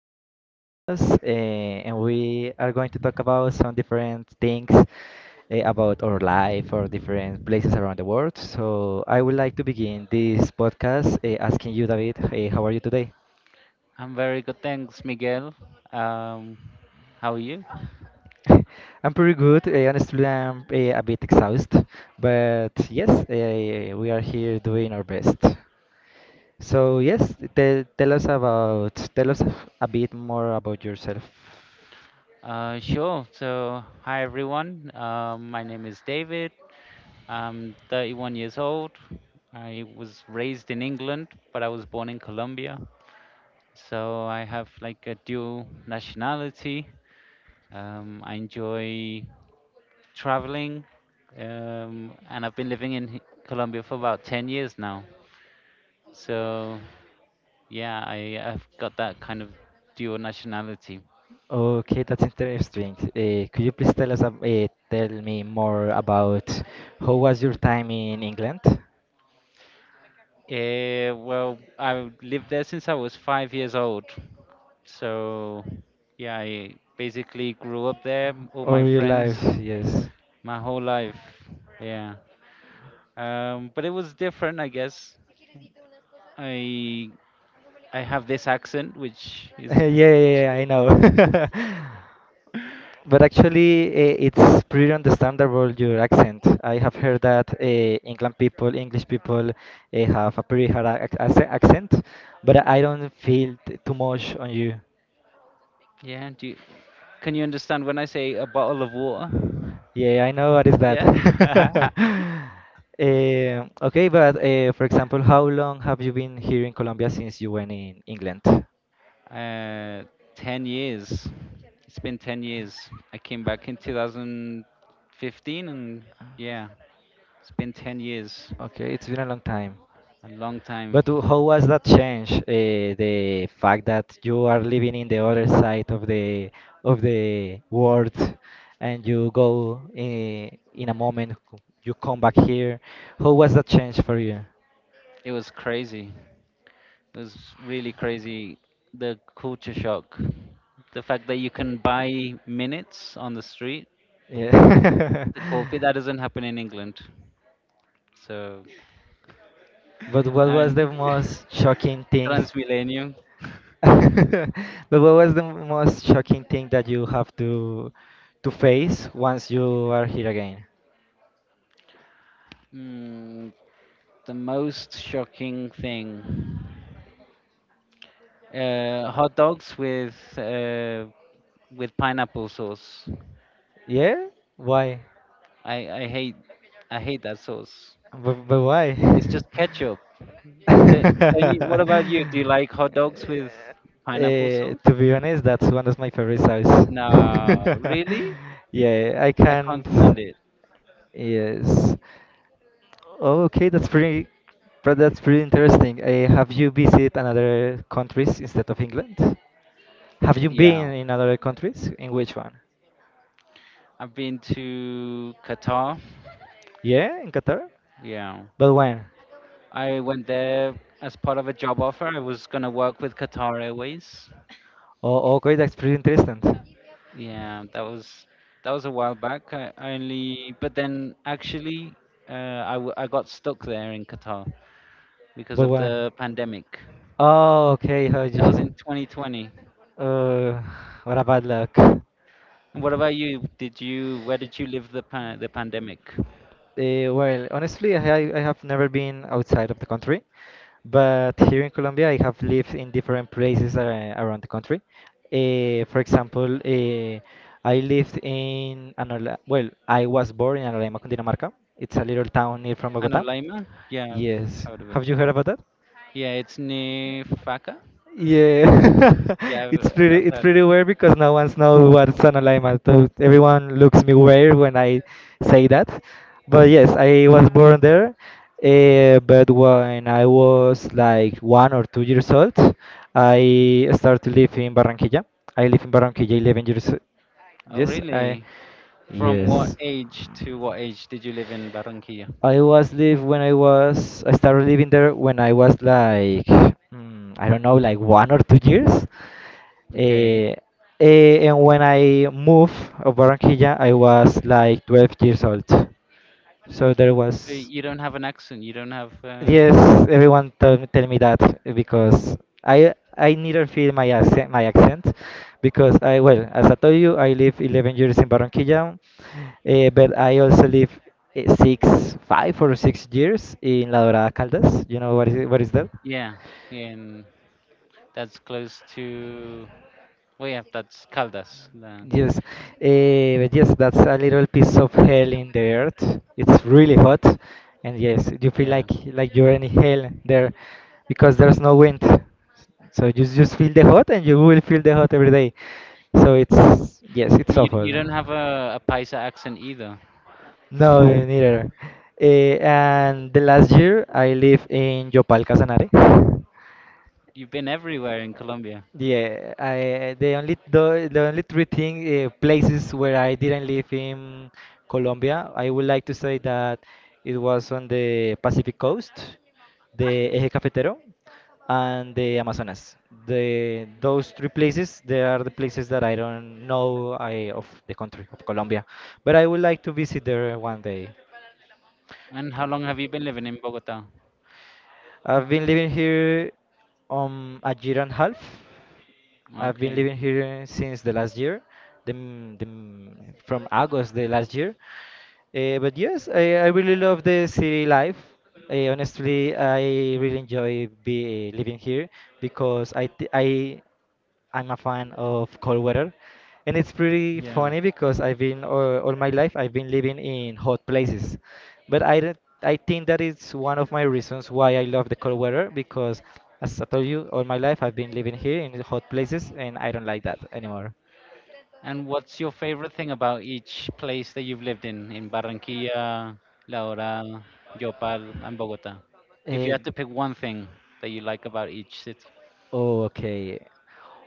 with David Munoz, and we are going to talk about some different things about our life or different places around the world. So I would like to begin this podcast asking you, David, how are you today? I'm very good, thanks, Miguel. Um, how are you? I'm pretty good. Honestly, I'm a bit exhausted, but yes, we are here doing our best. So yes, tell us a bit more about yourself. Sure. So, hi everyone. My name is David. I'm 31 years old. I was raised in England, but I was born in Colombia. So I have like a dual nationality. I enjoy traveling, and I've been living in Colombia for about 10 years now. So yeah, I've got that kind of dual nationality. Okay, that's interesting. Could you please tell us, tell me more about how was your time in England Well, I lived there since I was 5 years old. So, yeah, I basically grew up there, all my or your life? friends, Yes. my whole life. Yeah. But it was different, I guess. I I have this accent, which is Yeah, yeah, yeah, I know. But actually, it's pretty understandable your accent. I have heard that England people, English people, have a pretty hard accent, but I don't feel too much on you. yeah. Can you understand when I say a bottle of water? Yeah, I know what is that. Yeah. Eh, okay, but for example, how long have you been here in Colombia since you went in England? uh, 10 years. It's been 10 years. I came back in 2015, and yeah. It's been 10 years, Okay, it's been a long time. a long time. But how was that change? The fact that you are living in the other side of the world, and you go in a moment, you come back here. How was that change for you? It was crazy. It was really crazy. The culture shock. The fact that you can buy minutes on the street Yeah. to copy, that doesn't happen in England. So, But what was and the most shocking thing? Transmillennium. But what was the most shocking thing that you have to face once you are here again? Mm, the most shocking thing. Hot dogs with pineapple sauce. Yeah? Why? I, I hate I hate that sauce. But why? It's just ketchup. What about you? Do you like hot dogs with pineapple Eh, sauce? to be honest, that's one of my favorite songs. No, really? Yeah, I I can't can't. stand it. Yes. Oh, okay, that's pretty interesting. Have you visited another countries instead of England? Have you Yeah, been in other countries? In which one? I've been to Qatar. Yeah, in Qatar. Yeah, But when? I went there as part of a job offer. I was gonna work with Qatar Airways. Oh, okay, that's pretty interesting. Yeah, that was a while back. But then actually, I got stuck there in Qatar because But of when? the pandemic. Oh, okay. That was in 2020. Uh, what a bad luck. And what about you? Did you Where did you live the pandemic? Well, honestly, I have never been outside of the country, but here in Colombia, I have lived in different places around the country. For example, uh, I lived in Anola well, I was born in Anola, Cundinamarca. It's a little town near from Bogota. Anolaima? Yeah, I've Yes. heard of it. Have you heard about that? Yeah, it's near Faka. Yeah, Yeah, I've it's heard of pretty it. weird because no one's know what's an alignment. So everyone looks me weird when I say that. But yes, I was born there. But when I was like 1 or 2 years old, I started to live in Barranquilla. I live in Barranquilla 11 years. Oh, Yes, I really? From what yes. age to what age did you live in Barranquilla? I was live when I was I started living there when I was like I don't know like 1 or 2 years. Okay. Eh, and when I moved of Barranquilla, I was like 12 years old. So there But was. you don't have an accent. You don't have. Yes, everyone tell me that because I neither feel my accent because I well as I told you I live 11 years in Barranquilla, but I also live six five or 6 years in La Dorada Caldas. What is that? Yeah, yeah, and that's close to. Well, yeah, that's Caldas. Yes, but yes, that's a little piece of hell in the earth. It's really hot, and yes, you feel Yeah, like you're in hell there, because there's no wind. So you just feel the hot, and you will feel the hot every day. So it's yes, it's but you awful. you don't have a Paisa accent either. No, oh, neither. Eh, and the last year I live in Yopal, Casanare. You've been everywhere in Colombia. Yeah, I the only three thing places where I didn't live in Colombia, I would like to say that it was on the Pacific coast, the Eje Cafetero, and the Amazonas. The Those three places, they are the places that I don't know I of the country of Colombia, but I would like to visit there one day. And how long have you been living in Bogota? I've been living here a year and a half. I've been Okay. living here since the last year, from August the last year. But yes, I really love the city life. Honestly, I really enjoy be living here because I I'm a fan of cold weather, and it's pretty Yeah. funny because I've been all my life I've been living in hot places, but I don't- I think that is one of my reasons why I love the cold weather because as I told you all my life I've been living here in hot places and I don't like that anymore. And what's your favorite thing about each place that you've lived in Barranquilla, La Dorada, Yopal, and Bogota? If you Uh, had to pick one thing that you like about each city. Oh, okay.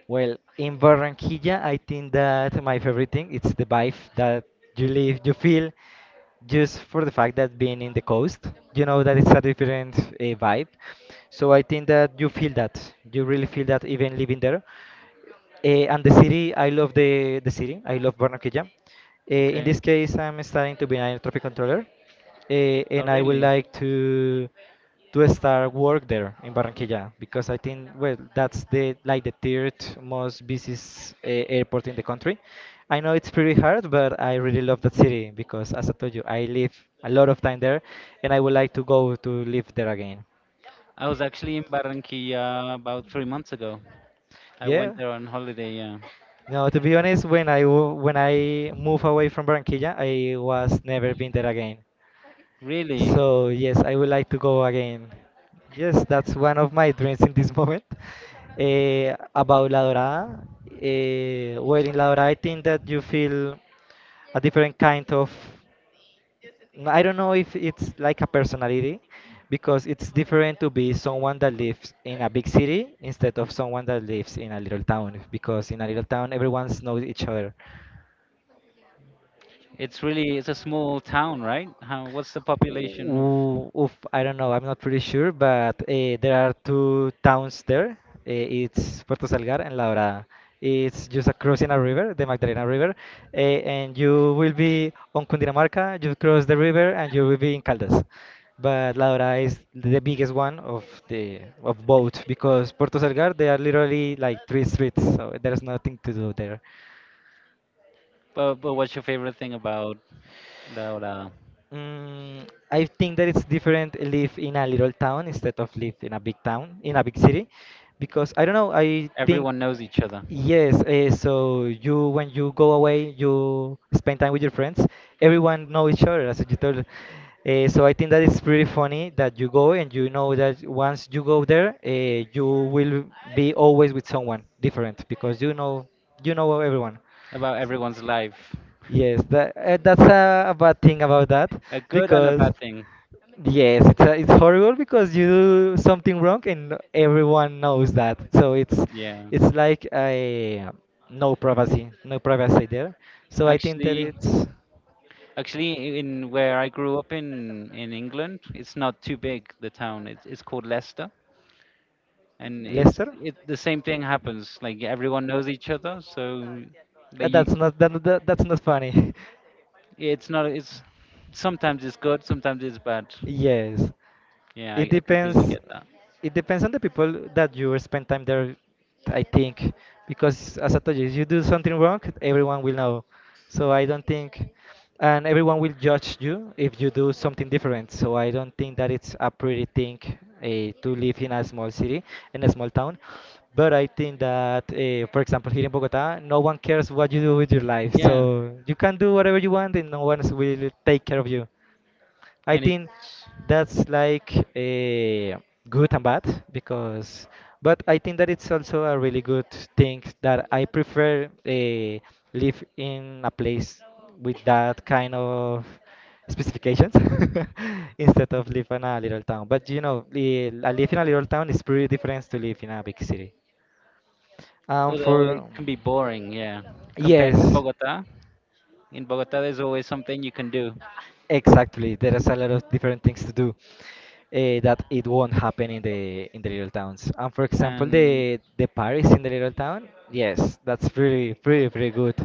Well, in Barranquilla, I think that my favorite thing it's the vibe that you live, you feel, just for the fact that being in the coast, you know that it's a different vibe. So I think that you feel that, you really feel that even living there. Eh, and the city, I love the city. I love Barranquilla. Eh, in Okay. this case, I'm starting to be an air traffic controller, Oh, and I would really? like to start work there in Barranquilla because I think well that's the like the third most busiest airport in the country. I know it's pretty hard, but I really love that city because, as I told you, I live a lot of time there, and I would like to go to live there again. I was actually in Barranquilla about 3 months ago. I Yeah, went there on holiday, yeah. no, to be honest, when when I move away from Barranquilla, I was never been there again. Really? So yes, I would like to go again. Yes, that's one of my dreams in this moment. Eh, about La Dorada, well, in La Dorada, I think that you feel a different kind of. I don't know if it's like a personality, because it's different to be someone that lives in a big city instead of someone that lives in a little town. Because in a little town, everyone knows each other. It's a small town, right? What's the population of, Ooh, oof, I don't know. I'm not pretty sure, but there are two towns there. Uh, it's Puerto Salgar and La Dorada. It's just crossing a river, the Magdalena River, and you will be on Cundinamarca. You cross the river and you will be in Caldas. But La Dorada is the biggest one of the of both because Puerto Salgar they are literally like three streets, so there's nothing to do there. but what's your favorite thing about La Dorada? Mm, I think that it's different live in a little town instead of live in a big town, in a big city, because I don't know, I think Everyone knows each other, yes, so you when you go away, you spend time with your friends, everyone know each other as you told. So I think that it's pretty funny that you go and you know that once you go there, you will be always with someone different because you know everyone. about everyone's life. Yes, that that's a bad thing about that A good and a because bad thing. yes, it's horrible because you do something wrong and everyone knows that. So Yeah. it's like a no privacy, no privacy there. So I think that Actually, it's actually, in where I grew up in England, it's not too big. The town it's called Leicester, and it's Leicester. It the same thing happens. Like everyone knows each other, so like you, That's not that, that, that's not funny. it's not it's sometimes it's good, sometimes it's bad. Yes, Yeah, I, it I completely depends. get that. It depends on the people that you spend time there, I think, because as I told you, if you do something wrong, everyone will know. So I don't think, and everyone will judge you if you do something different. So I don't think that it's a pretty thing to live in a small city, in a small town. But I think that, for example, here in Bogota, no one cares what you do with your life. Yeah, So you can do whatever you want, and no one will take care of you. I and it's think that's like a good and bad because, but I think that it's also a really good thing that I prefer live in a place with that kind of specifications instead of live in a little town. But you know, I live in a little town is pretty different to live in a big city. Although it For can be boring. Yeah, compared to yes, Bogota, in Bogota there's always something you can do. exactly, there is a lot of different things to do that it won't happen in the little towns. And for example, And the Paris in the little town, yes, that's pretty good.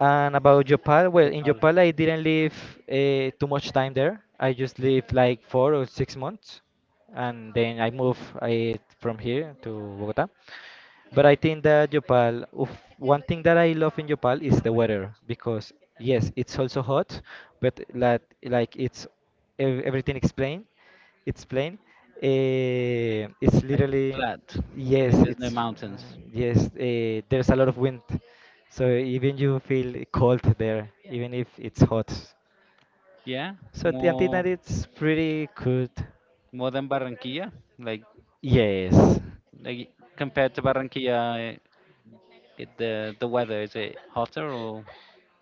And about Jopal, well, they in are Jopal I didn't live too much time there. I just lived like 4 or 6 months, and then from here to Bogota. But I think that Yopal, oof, one thing that I love in Yopal is the weather because yes, it's also hot, but like it's everything is plain. It's plain. Eh, it's like literally flat, yes, like there's no it's mountains. Yes. Eh, there's a lot of wind, so even you feel cold there, even if it's hot. Yeah, So I think more that it's pretty good. more than Barranquilla. Like Yes. like compared to Barranquilla, the weather is it hotter or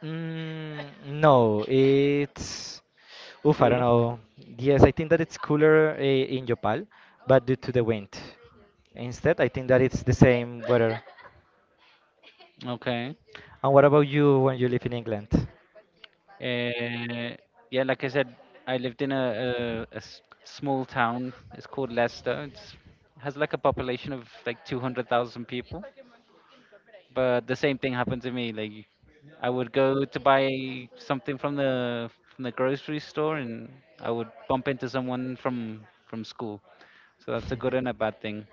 Mm, no, it's. Oof, I don't cooler? know. Yes, I think that it's cooler in Yopal, but due to the wind. Instead, I think that it's the same weather. Okay. And what about you when you live in England? Uh, yeah, like I said, I lived in a small town. It's called Leicester. It's has like a population of like 200,000 people. But the same thing happened to me. Like I would go to buy something from the grocery store, and I would bump into someone from school. So that's a good and a bad thing.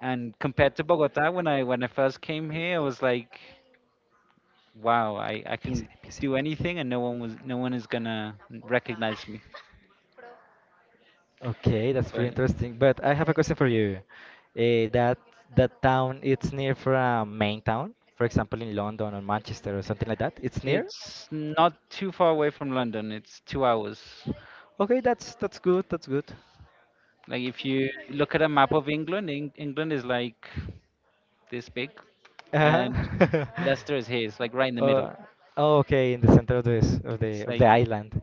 And compared to Bogota, when I first came here, I was like, wow, I Piensen, can piensen. do anything, and no one is gonna recognize me. Okay, that's pretty But interesting. But I have a question for you. Uh, that that town, it's near from main town, for example, in London or Manchester or something like that. It's near. it's not too far away from London. It's 2 hours. Okay, that's good. That's good. Like if you look at a map of England, England is like this big, and Uh-huh. Leicester is his, like right in the middle. Uh, okay, in the center of this It's of the like, island.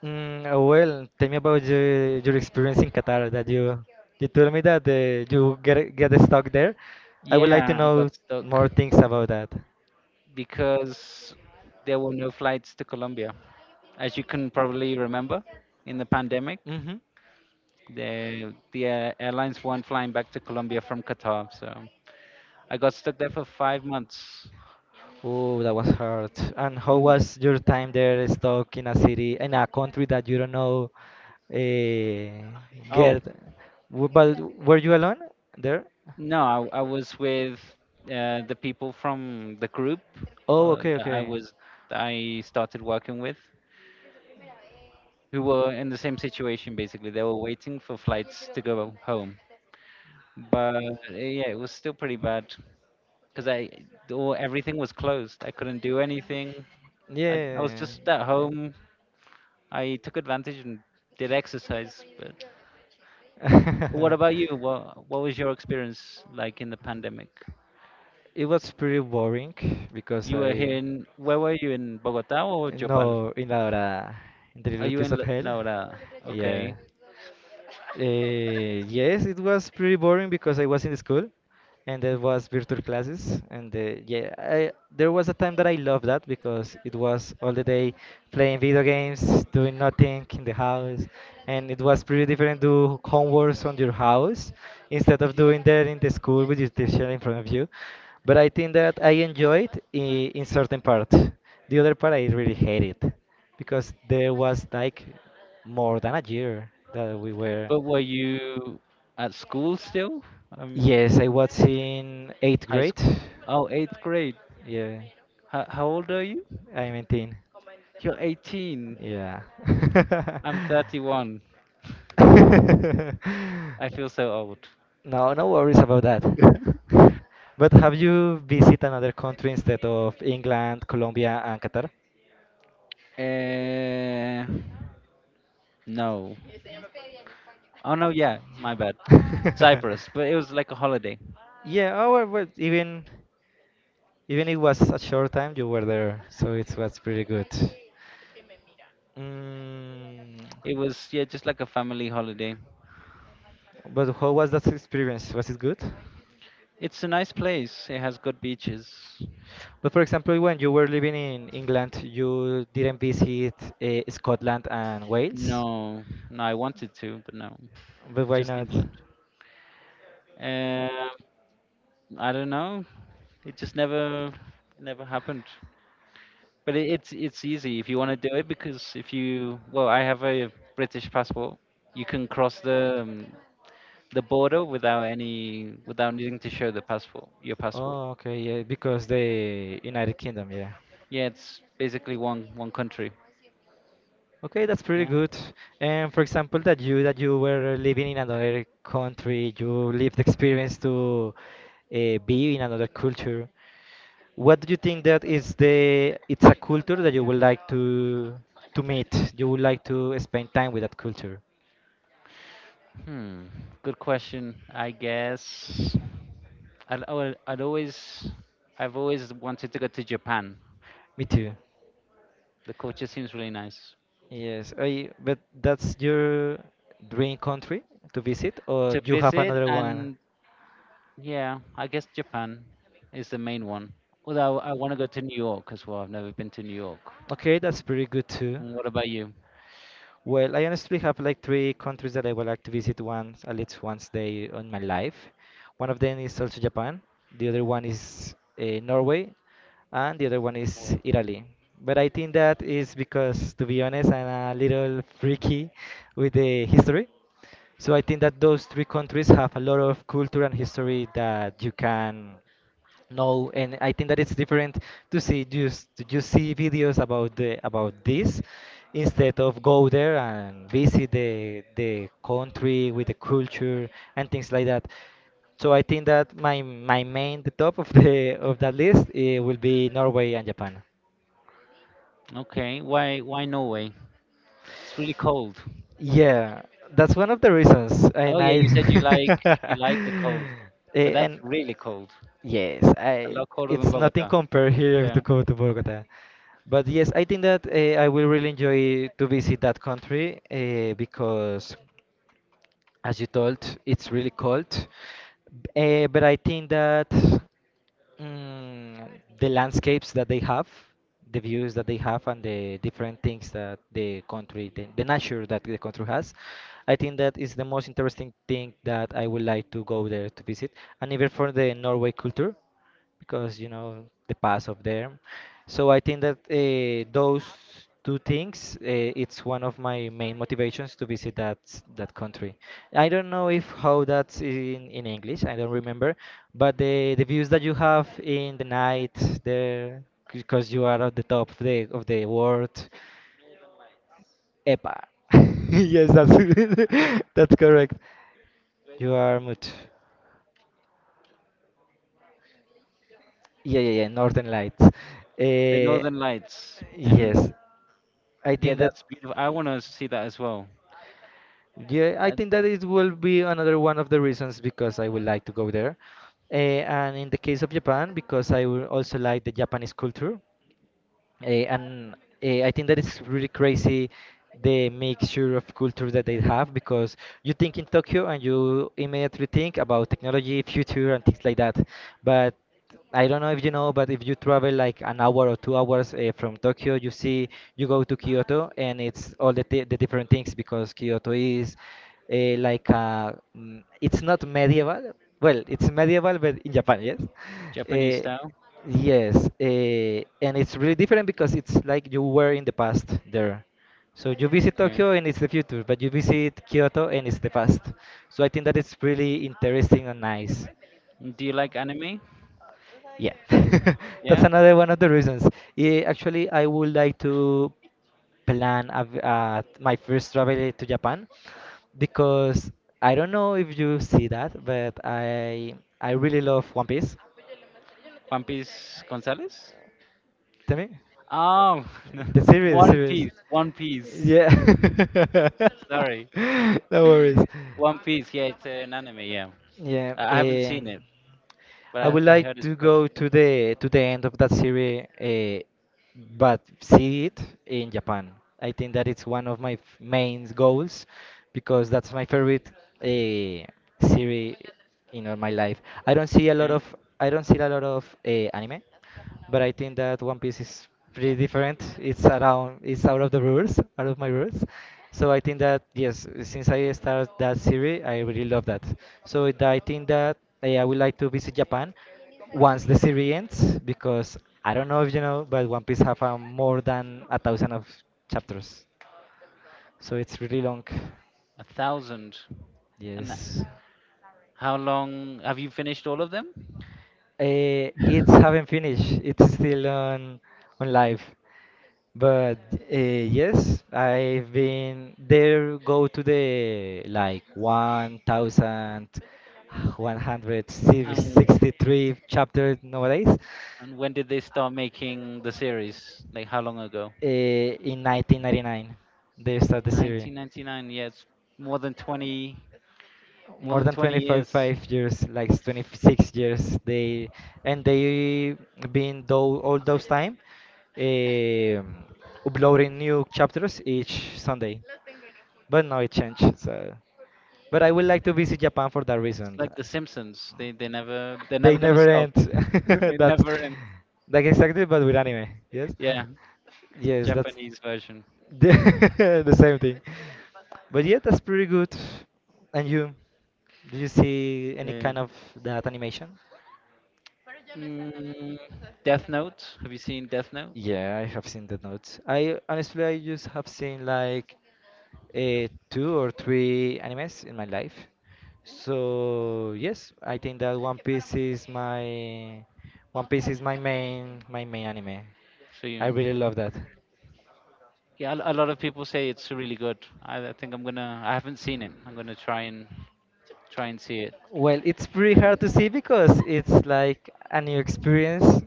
Well, tell me about your experience in Qatar. That you told me that you get stuck there. I would like to yeah, I got know stuck more things about that. because there were no flights to Colombia. As you can probably remember, in the pandemic, Mm-hmm. the airlines weren't flying back to Colombia from Qatar, so I got stuck there for 5 months. Oh, that was hard. And how Mm, was your time there, stuck in a city, in a country that you don't know? Uh, Oh get. But were you alone there? no, I was with the people from the group Oh, uh, okay, that I okay. was that I started working with, who were in the same situation basically. They were waiting for flights to go home, but yeah, it was still pretty bad because I all everything was closed. I couldn't do anything. I was Yeah. just at it- home. I took advantage and did exercise. But what about you? What was your experience like in the pandemic? It was pretty boring because You were here I, in Where were you in Bogota or Jopal? No, in the Are little you piece in of La hell. Laurada? Okay, Yeah. Yes, it was pretty boring because I was in school, and there was virtual classes, and there was a time that I loved that because it was all the day playing video games, doing nothing in the house, and it was pretty different do homeworks on your house instead of doing that in the school with your teacher in front of you. But I think that in certain part. The other part I really hate it because there was like more than a year that we were. but were you at school still? Um, Yes, I was in eighth High grade. school. Oh, eighth grade. Yeah, How old are you? I'm 18. You're 18. Yeah. I'm 31. I feel so old. No, no worries about that. But have you visited another country instead of England, Colombia, and Qatar? Uh, no. Oh, no, yeah, my bad. Cyprus, but it was like a holiday. Yeah, oh, well, but even it was a short time you were there, so it was pretty good. Mm, It was, yeah, just like a family holiday. but how was that experience? Was it good? It's a nice place. It has good beaches. But for example, when you were living in England, you didn't visit Scotland and Wales? No, no, I wanted to, but no, But why just not? England. Um, I don't know. It just never happened. But it's easy if you want to do it because if you well, I have a British passport. You can cross the border without needing to show your passport. Oh, okay, yeah, because the United Kingdom, yeah. Yeah, it's basically one country. Okay, that's pretty Yeah. good. And for example, that you were living in another country, you lived experience to be in another culture. What do you think that is the it's a culture that you would like to meet? You would like to spend time with that culture. Hmm. Good question. I guess I'd, I would- I'd always I've always wanted to go to Japan. Me too. The culture seems really nice But that's your dream country to visit, or to you have visit another one? and yeah, I guess Japan is the main one. Although I want to go to New York as well. I've never been to New York. Okay, that's pretty good too. And what about you? Well, I honestly have like three countries that I would like to visit once, at least once day on my life. One of them is also Japan, the other one is Norway, and the other one is Norway. Italy. But I think that is because, to be honest, I'm a little freaky with the history. So I think that those three countries have a lot of culture and history that you can no, and I think that it's different to see just to just see videos about the about this instead of go there and visit the country with the culture and things like that. So I think that my main the top of the of that list will be Norway and Japan. Okay, why Norway? It's really cold. Yeah, that's one of the reasons, Oh and yeah, I you said you like the cold, Eh, but that's and really cold. yes, A I lot colder than it's nothing Bogota. compared here to Yeah, go to Bogota. But yes, I think that I will really enjoy to visit that country because as you told, it's really cold. But I think that mm, the landscapes that they have, the views that they have, and the different things that the country, the nature that the country has, I think that is the most interesting thing that I would like to go there to visit. And even for the Norway culture, because you know the past of them. So I think that those two things it's one of my main motivations to visit that country. I don't know if how that's in English. I don't remember, but the views that you have in the night there because you are at the top of the world. Epa. yes, that's that's correct. You are mute. Yeah, yeah, yeah, Northern Lights. the Northern Lights, and Yes, I yeah, think that. that's beautiful. I want to see that as well. Yeah, I Uh, think that it will be another one of the reasons because I would like to go there. Uh, and in the case of Japan, because I would also like the Japanese culture. Eh, and I think that is really crazy the mixture of culture that they have because you think in Tokyo and you immediately think about technology, future, and things like that. But I don't know if you know, but if you travel like an hour or 2 hours from Tokyo, you see, you go to Kyoto and it's all the different things because Kyoto is it's not medieval. Well, it's medieval, but in Japan, yes. Japanese Uh, style. Yes, and it's really different because it's like you were in the past there. So you visit Okay. Tokyo and it's the future, but you visit Kyoto and it's the past. So I think that it's really interesting and nice. Do you like anime? Yeah, Yeah, that's another one of the reasons. Yeah, actually, I would like to plan my first travel to Japan because I don't know if you see that, but I really love One Piece. Juan Piece Gonzalez. Tell me. Oh, no. The One series. Piece, One Piece. Yeah. Sorry, No worries. One Piece. Yeah, it's an anime. Yeah, Yeah. I haven't seen it, I but would I heard like it's to go good. to the end of that series, but see it in Japan. I think that it's one of main goals because that's my favorite uh, series in all my life. Okay, I don't see a lot of anime, but I think that One Piece is pretty different. It's around, it's out of the rules, out of my rules. So I think that yes, since I started that series, I really love that. I think that I would like to visit Japan once the series ends because I don't know if you know, but One Piece have more than a thousand of chapters, so it's really long. a thousand. And Yes. how long have you finished all of them? It's haven't finished. It's still on live. But yes, I've been there. Go to the like one thousand Uh, one hundred And sixty-three chapter nowadays. And when did they start making the series? Like how long ago? In 1999, they start the series. 1999. Yeah, it's more than 20, more More than than 20 25 years. It's 5 years, like 26 years. They And they been though all those time um, uploading new chapters each Sunday. But now it changed. So. But I would like to visit Japan for that reason. like The Simpsons. They're They never gonna never stop. end. It That's never ends. like exactly, but with anime. Yes, Yeah, yes, that's Japanese version. The same thing. But yeah, that's pretty good. And you, do you see any Yeah. kind of that animation? Mm, Death Note. Have you seen Death Note? Yeah, I have seen the notes. I honestly, I just have seen like two or three animes in my life. So yes, I think that One Piece is my One Piece is my main anime. So you, I really love that. yeah, a lot of people say it's really good. I think I'm gonna. I haven't seen it. I'm gonna try and see it. Well, it's pretty And hard to see because it's like a new experience,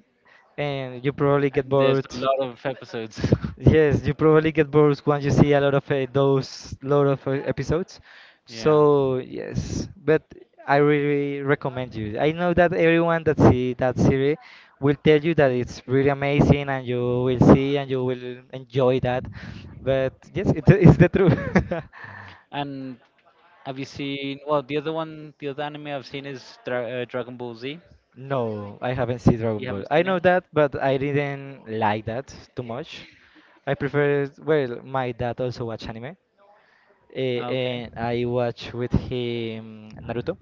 and you probably get and there's bored a lot of episodes. Yes, you probably get bored once you see a lot of those lot of episodes. Yeah. So yes, but I really recommend you. I know that everyone that see that series will tell you that it's really amazing, and you will see and you will enjoy that. But yes, it's it's the truth. And have you seen? Well, the other anime I've seen is Dragon Ball Z. No, I haven't seen Dragon You Ball. haven't I seen know it? that, but I didn't like that too much. I prefer, well, my dad also watch anime. Eh, Ah, okay. and I watch with him Naruto.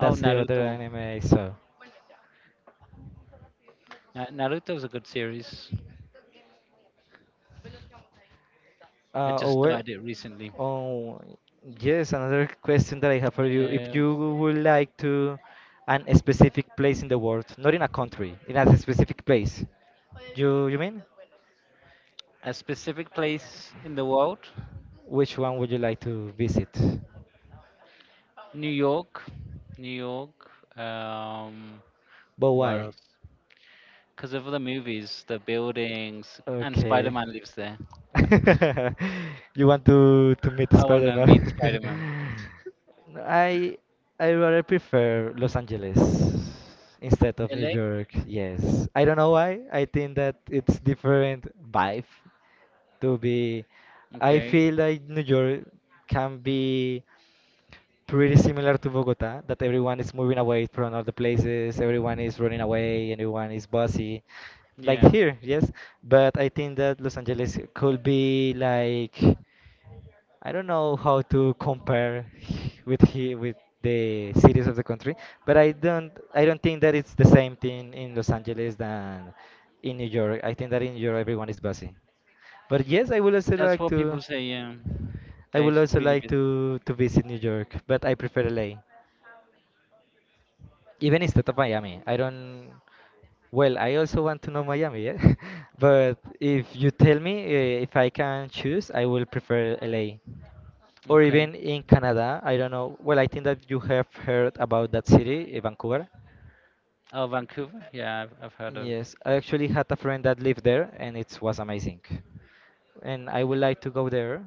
Oh, the other Naruto. anime I saw. Naruto's a good series. I just Oh well. started it recently. Oh yes, another question that I have for you. If Uh, you would like to an a specific place in the world, not in a country, in a specific place. You mean? a specific place in the world, Which one would you like to visit? New York, New York. Um, But where why? else? Because of the movies, the buildings, and Okay. Spider-Man lives there. You want to meet I wanna Spider-Man? meet Spider-Man. I I rather prefer Los Angeles instead of New LA. York. Yes. I don't know why. I think that it's different vibe to be I Okay. feel like New York can be pretty similar to Bogota, that everyone is moving away from other places, everyone is running away, everyone is busy, like Yeah. here, yes. But I think that Los Angeles could be like, I don't know how to compare with here with the cities of the country, but I don't think that it's the same thing in Los Angeles than in New York. I think that in New York everyone is busy. But yes, I would also That's like what to, people say. Yeah. I That would it's also really like busy. To visit New York, but I prefer LA. Even instead of Miami, I don't. Well, I also want to know Miami, yeah. But if you tell me if I can choose, I will prefer LA. Or Okay. even in Canada, I don't know. Well, I think that you have heard about that city, eh, Vancouver. Oh, Vancouver. Yeah, I've heard of. Yes, I actually had a friend that lived there, and it was amazing. And I would like to go there.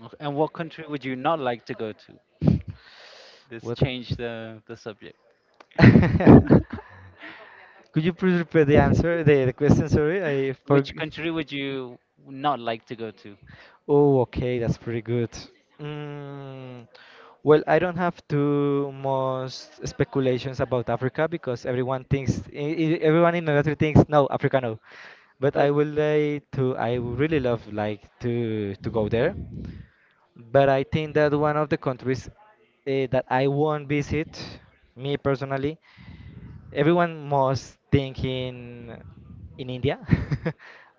Okay. And what country would you not like to go to? Let's What? change the subject. Could you please repeat the answer, the question? Sorry, I Which forgot. country would you not like to go to? Oh, okay, that's pretty good. Mm, well, I don't have too much speculations about Africa because everyone thinks, everyone in my country thinks, no, Africa, no. But I But would like to, I would really love like to go there. But I think that one of the countries that I won't visit, me personally, everyone must think in India,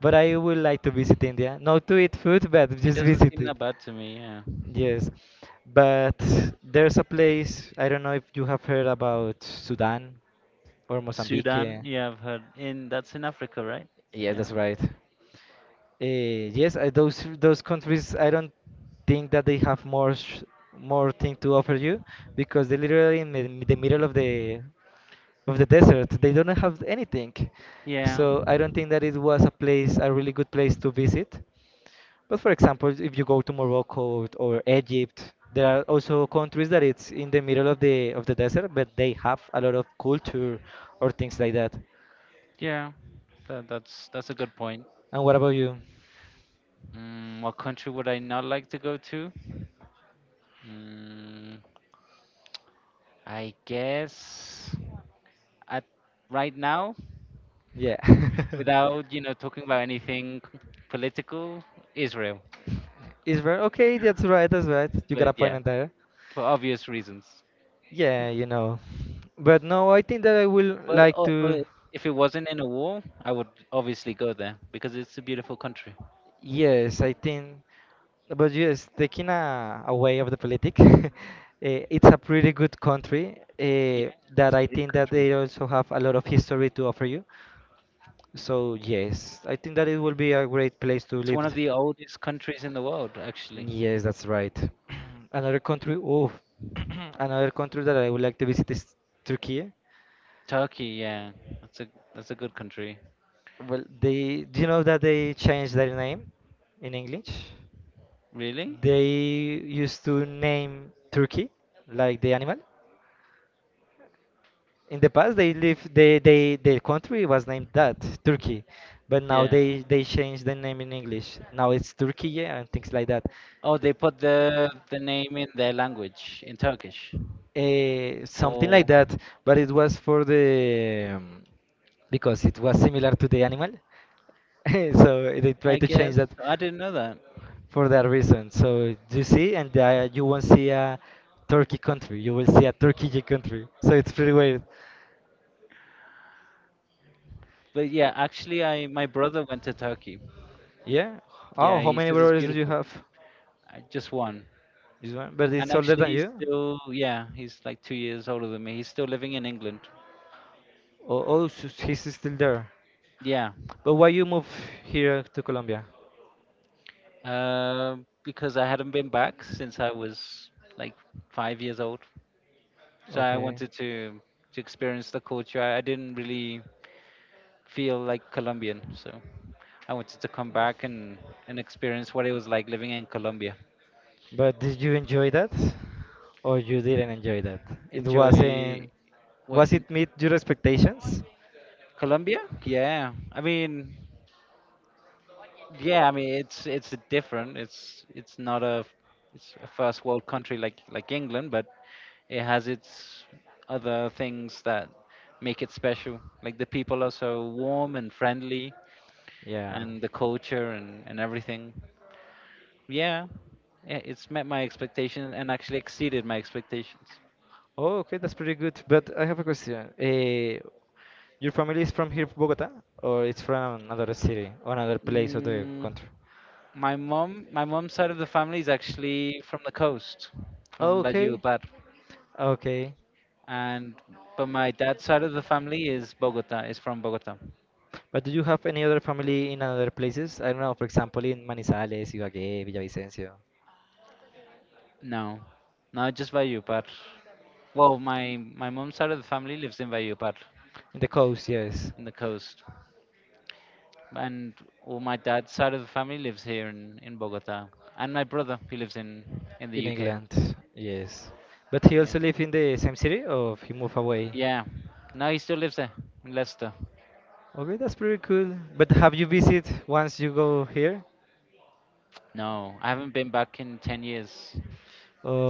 but I would like to visit India. Not to eat food, but it just doesn't visit seem it. that bad to me. Yeah. Yes, but there's a place I don't know if you have heard about Sudan or Sudan. Mozambique. Yeah, I've heard. In That's in Africa, right? Yeah, that's Yeah. right. Yes, those countries, I don't think that they have more thing to offer you because they're literally in the middle of the desert. They don't have anything, Yeah. so I don't think that it was a place, a really good place to visit. But for example, if you go to Morocco or Egypt, there are also countries that it's in the middle of the desert, but they have a lot of culture or things like that. Yeah. That's a good point. And what about you? What country would I not like to go to? Mm, I guess at right now, Yeah. without talking about anything political, Israel. Israel. Okay, that's right. That's right. You got But a point yeah, in there. for obvious reasons. Yeah, you know. But no, I think that I will But like to. if it wasn't in a war, I would obviously go there because it's a beautiful country. Yes, I think. But yes, taking a, away of the politic, it's a pretty good country Yeah, that it's a I great think that country. they also have a lot of history to offer you. So yes, I think that it will be a great place to It's live. one of the oldest countries in the world, actually. Yes, that's right. Another country, oh, another country that I would like to visit is Turkey. Turkey, yeah, that's a that's a good country. Well, they, do you know that they changed their name in English? Really? They used to name Turkey like the animal. In the past, they live, they, their country was named that, Turkey. But now Yeah. they changed the name in English. Now it's Turkey, yeah, and things like that. Oh, they put the name in their language in Turkish. Eh, something like Oh, that, but it was for the because it was similar to the animal, so they I tried to guess change that I didn't know that. for that reason. So you see, and you won't see a Turkey country, you will see a Turkey country. So it's pretty weird. But yeah, actually, I my brother went to Turkey. Yeah. Oh, Yeah, how he many says it's brothers do you beautiful. have? I just one. This one, but And it's older actually, than you. Yeah, he's like 2 years older than me. He's still living in England. Oh, oh, so he's still there. Yeah. But why you move here to Colombia? Uh, because I hadn't been back since I was like 5 years old. So I Okay. wanted to experience the culture. I didn't really feel like Colombian, so I wanted to come back and experience what it was like living in Colombia. But did you enjoy that? Or you didn't enjoy that? It Enjoy wasn't, what was it meet your expectations? Colombia? Yeah. I mean, yeah, I mean it's different. It's not a it's a first world country like England, but it has its other things that make it special. Like the people are so warm and friendly, Yeah. and the culture and everything. Yeah, it's met my expectations and actually exceeded my expectations. Oh, okay, that's pretty good. But I have a question. Your family is from here, Bogota, or it's from another city, or another place of the Mm, country? my mom's side of the family is actually from the coast, from Bajio Okay. Par. Okay. And but my dad's side of the family is from Bogota. But do you have any other family in other places? I don't know, for example, in Manizales, Ibagué, Villavicencio. No, not just Valledupar. Well, my mom's side of the family lives in Valledupar, In the coast, yes. in the coast, and all my dad's side of the family lives here in Bogota, and my brother he lives in the In UK. England, yes. But he Yeah, also live in the same city or he move away? yeah. No, he still lives there in Leicester. Okay, that's pretty cool. But have you visit once you go here? No, I haven't been back in 10 years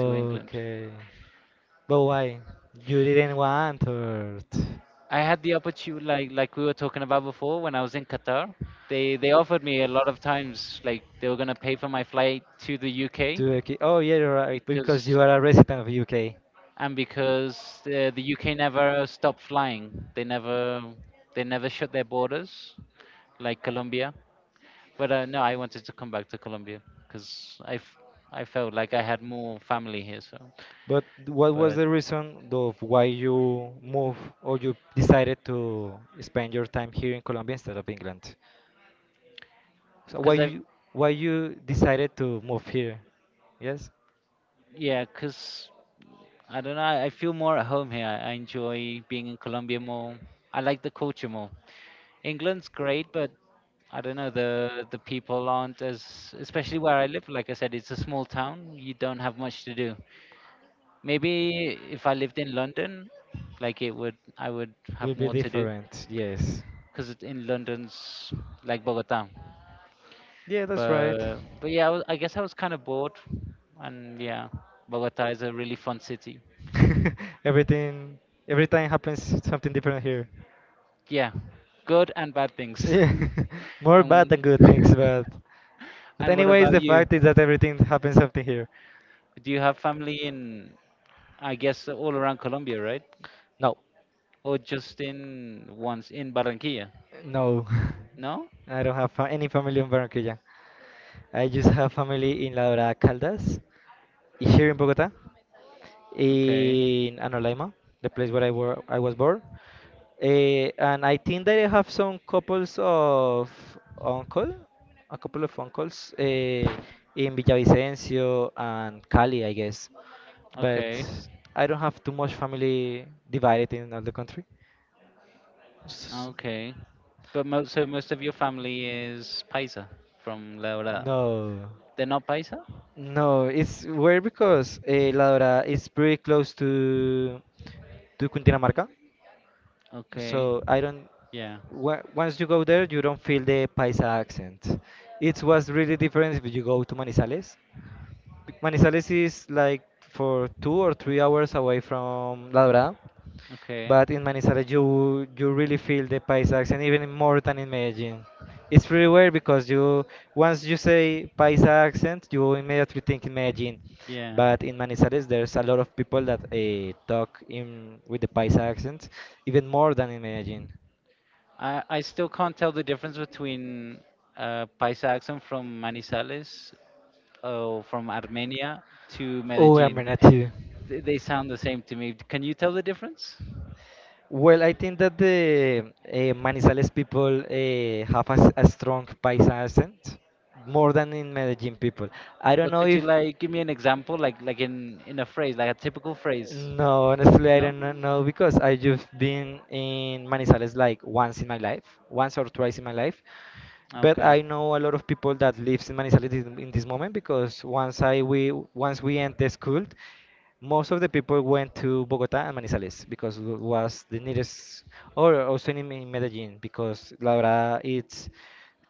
to England. But why? You didn't want or I had the opportunity, like we were talking about before, when I was in Qatar, they offered me a lot of times, like they were gonna pay for my flight to the UK to, okay. Oh yeah, you're right, because because you are a resident of UK. and because the UK never stopped flying, they never shut their borders like Colombia. But no, I wanted to come back to Colombia because I felt like I had more family here, so But what was but the reason of why you move or you decided to spend your time here in Colombia instead of England? So because I why you decided to move here? Yes, yeah, cause I don't know. I feel more at home here. I enjoy being in Colombia more. I like the culture more. England's great, but I don't know, the people aren't as, especially where I live. Like I said, it's a small town. You don't have much to do. Maybe if I lived in London, I would have will be more to do different. Yes, because in London's like Bogota. yeah, that's right. But yeah, I guess I was kind of bored, and yeah, Bogota is a really fun city. Everything every time happens something different here. Yeah, good and bad things. Yeah, more bad than And good things, but and what anyways, about the you? fact is that everything happens something here. Do you have family in, I guess, all around Colombia, right? No. Or just in once in Barranquilla? No, No? I don't have any family in Barranquilla. I just have family in La Dorada Caldas, here in Bogota, Okay, in Anolaima, the place where I was born. Eh, and I think that I have some couples of uncle, a couple of uncles, eh, in Villavicencio and Cali, I guess. But okay, I don't have too much family divided in all the country. okay. But most of your family is paisa from La Dorada. No. They're not paisa? No, it's weird because eh, La Dorada is pretty close to Cundinamarca. Okay, So I don't. yeah, Once you go there, you don't feel the Paisa accent. It was really different if you go to Manizales. Manizales is like for 2 or 3 hours away from La Dorada, okay. but in Manizales, you really feel the Paisa accent even more than in Medellin. It's pretty weird because you once you say Paisa accent, you immediately think in Medellin. Yeah. But in Manizales, there's a lot of people that talk in with the Paisa accent, even more than in Medellin. I still can't tell the difference between Paisa accent from Manizales or from Armenia to Oh, Medellin. Armenia too. They sound the same to me. Can you tell the difference? Well, I think that the Manizales people have a, a strong Paisa accent more than in Medellin people. I don't But know could you if. like give me an example, like in a phrase, like a typical phrase? No, honestly, I No. don't know because I just been in Manizales like once in my life, once or twice in my life, but Okay. I know a lot of people that lives in Manizales in this moment because once I we once we end the school, most of the people went to Bogota and Manizales because was the nearest, or also in Medellin because la verdad it's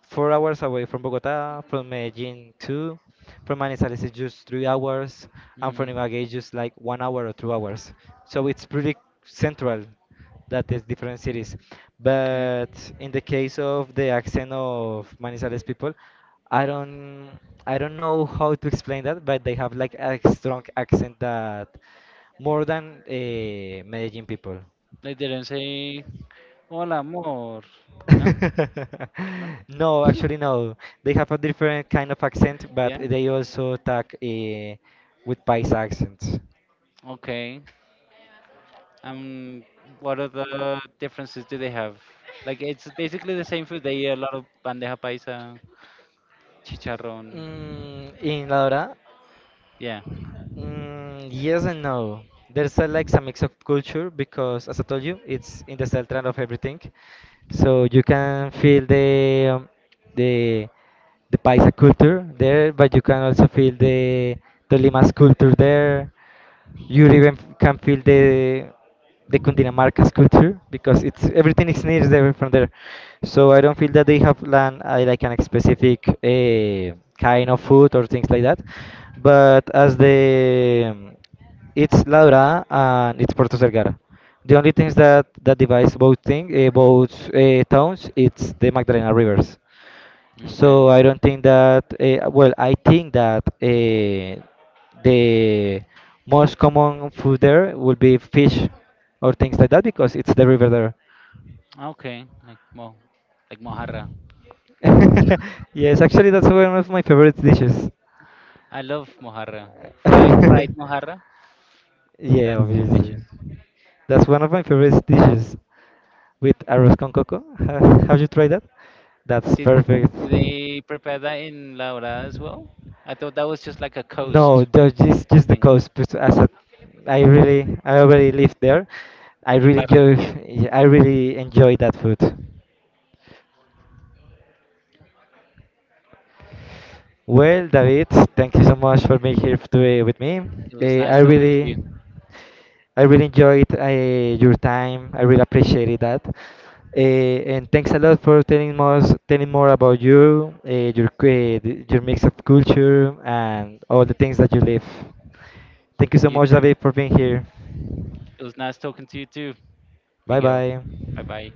4 hours away from Bogota, from Medellin two, from Manizales is just 3 hours, and Hmm. from Ibagué is just like one hour or 2 hours. So it's pretty central that is different cities. Okay. But in the case of the accent of Manizales people, I don't I don't know how to explain that, but they have like a strong accent that more than Medellin people. They didn't say hola amor. No? No? No, actually, no. They have a different kind of accent, but Yeah? they also talk with Paisa accents. Okay. Um what are the differences do they have? Like it's basically the same food. They eat a lot of bandeja paisa, chicharrón. Mm, in La Dorada, Yeah. mm, yes and no. There's a, like a mix of culture because, as I told you, it's in the center of everything. So you can feel the the the Paisa culture there, but you can also feel the Tolima's culture there. You even can feel the Cundinamarca's culture because it's everything is near there from there. So I don't feel that they have land like an specific kind of food or things like that. But as the it's La Dorada and it's Puerto Vergara. The only things that that divides both thing both towns it's the Magdalena rivers. So Okay. I don't think that, well, I think that the most common food there would be fish or things like that because it's the river there. Okay. Like mojarra. Yes, actually, that's one of my favorite dishes. I love mojarra. Fried fried mojarra. Yeah, That's obviously. delicious. That's one of my favorite dishes. With arroz con coco. Have you tried that? That's Did perfect. did they prepare that in La Dorada as well? I thought that was just like a No, coast just the thing. coast. But as a, I really, I already live there. I In really enjoy, Barranquilla. I really enjoy that food. Well, David, thank you so much for being here today with me. It was Eh, nice talking to you. I really enjoyed your time. I really appreciated that. Uh, and thanks a lot for telling more about you, your uh, your mix of culture, and all the things that you live. Thank you so You much, too. David, for being here. It was nice talking to you too, Bye Miguel. bye. Bye bye.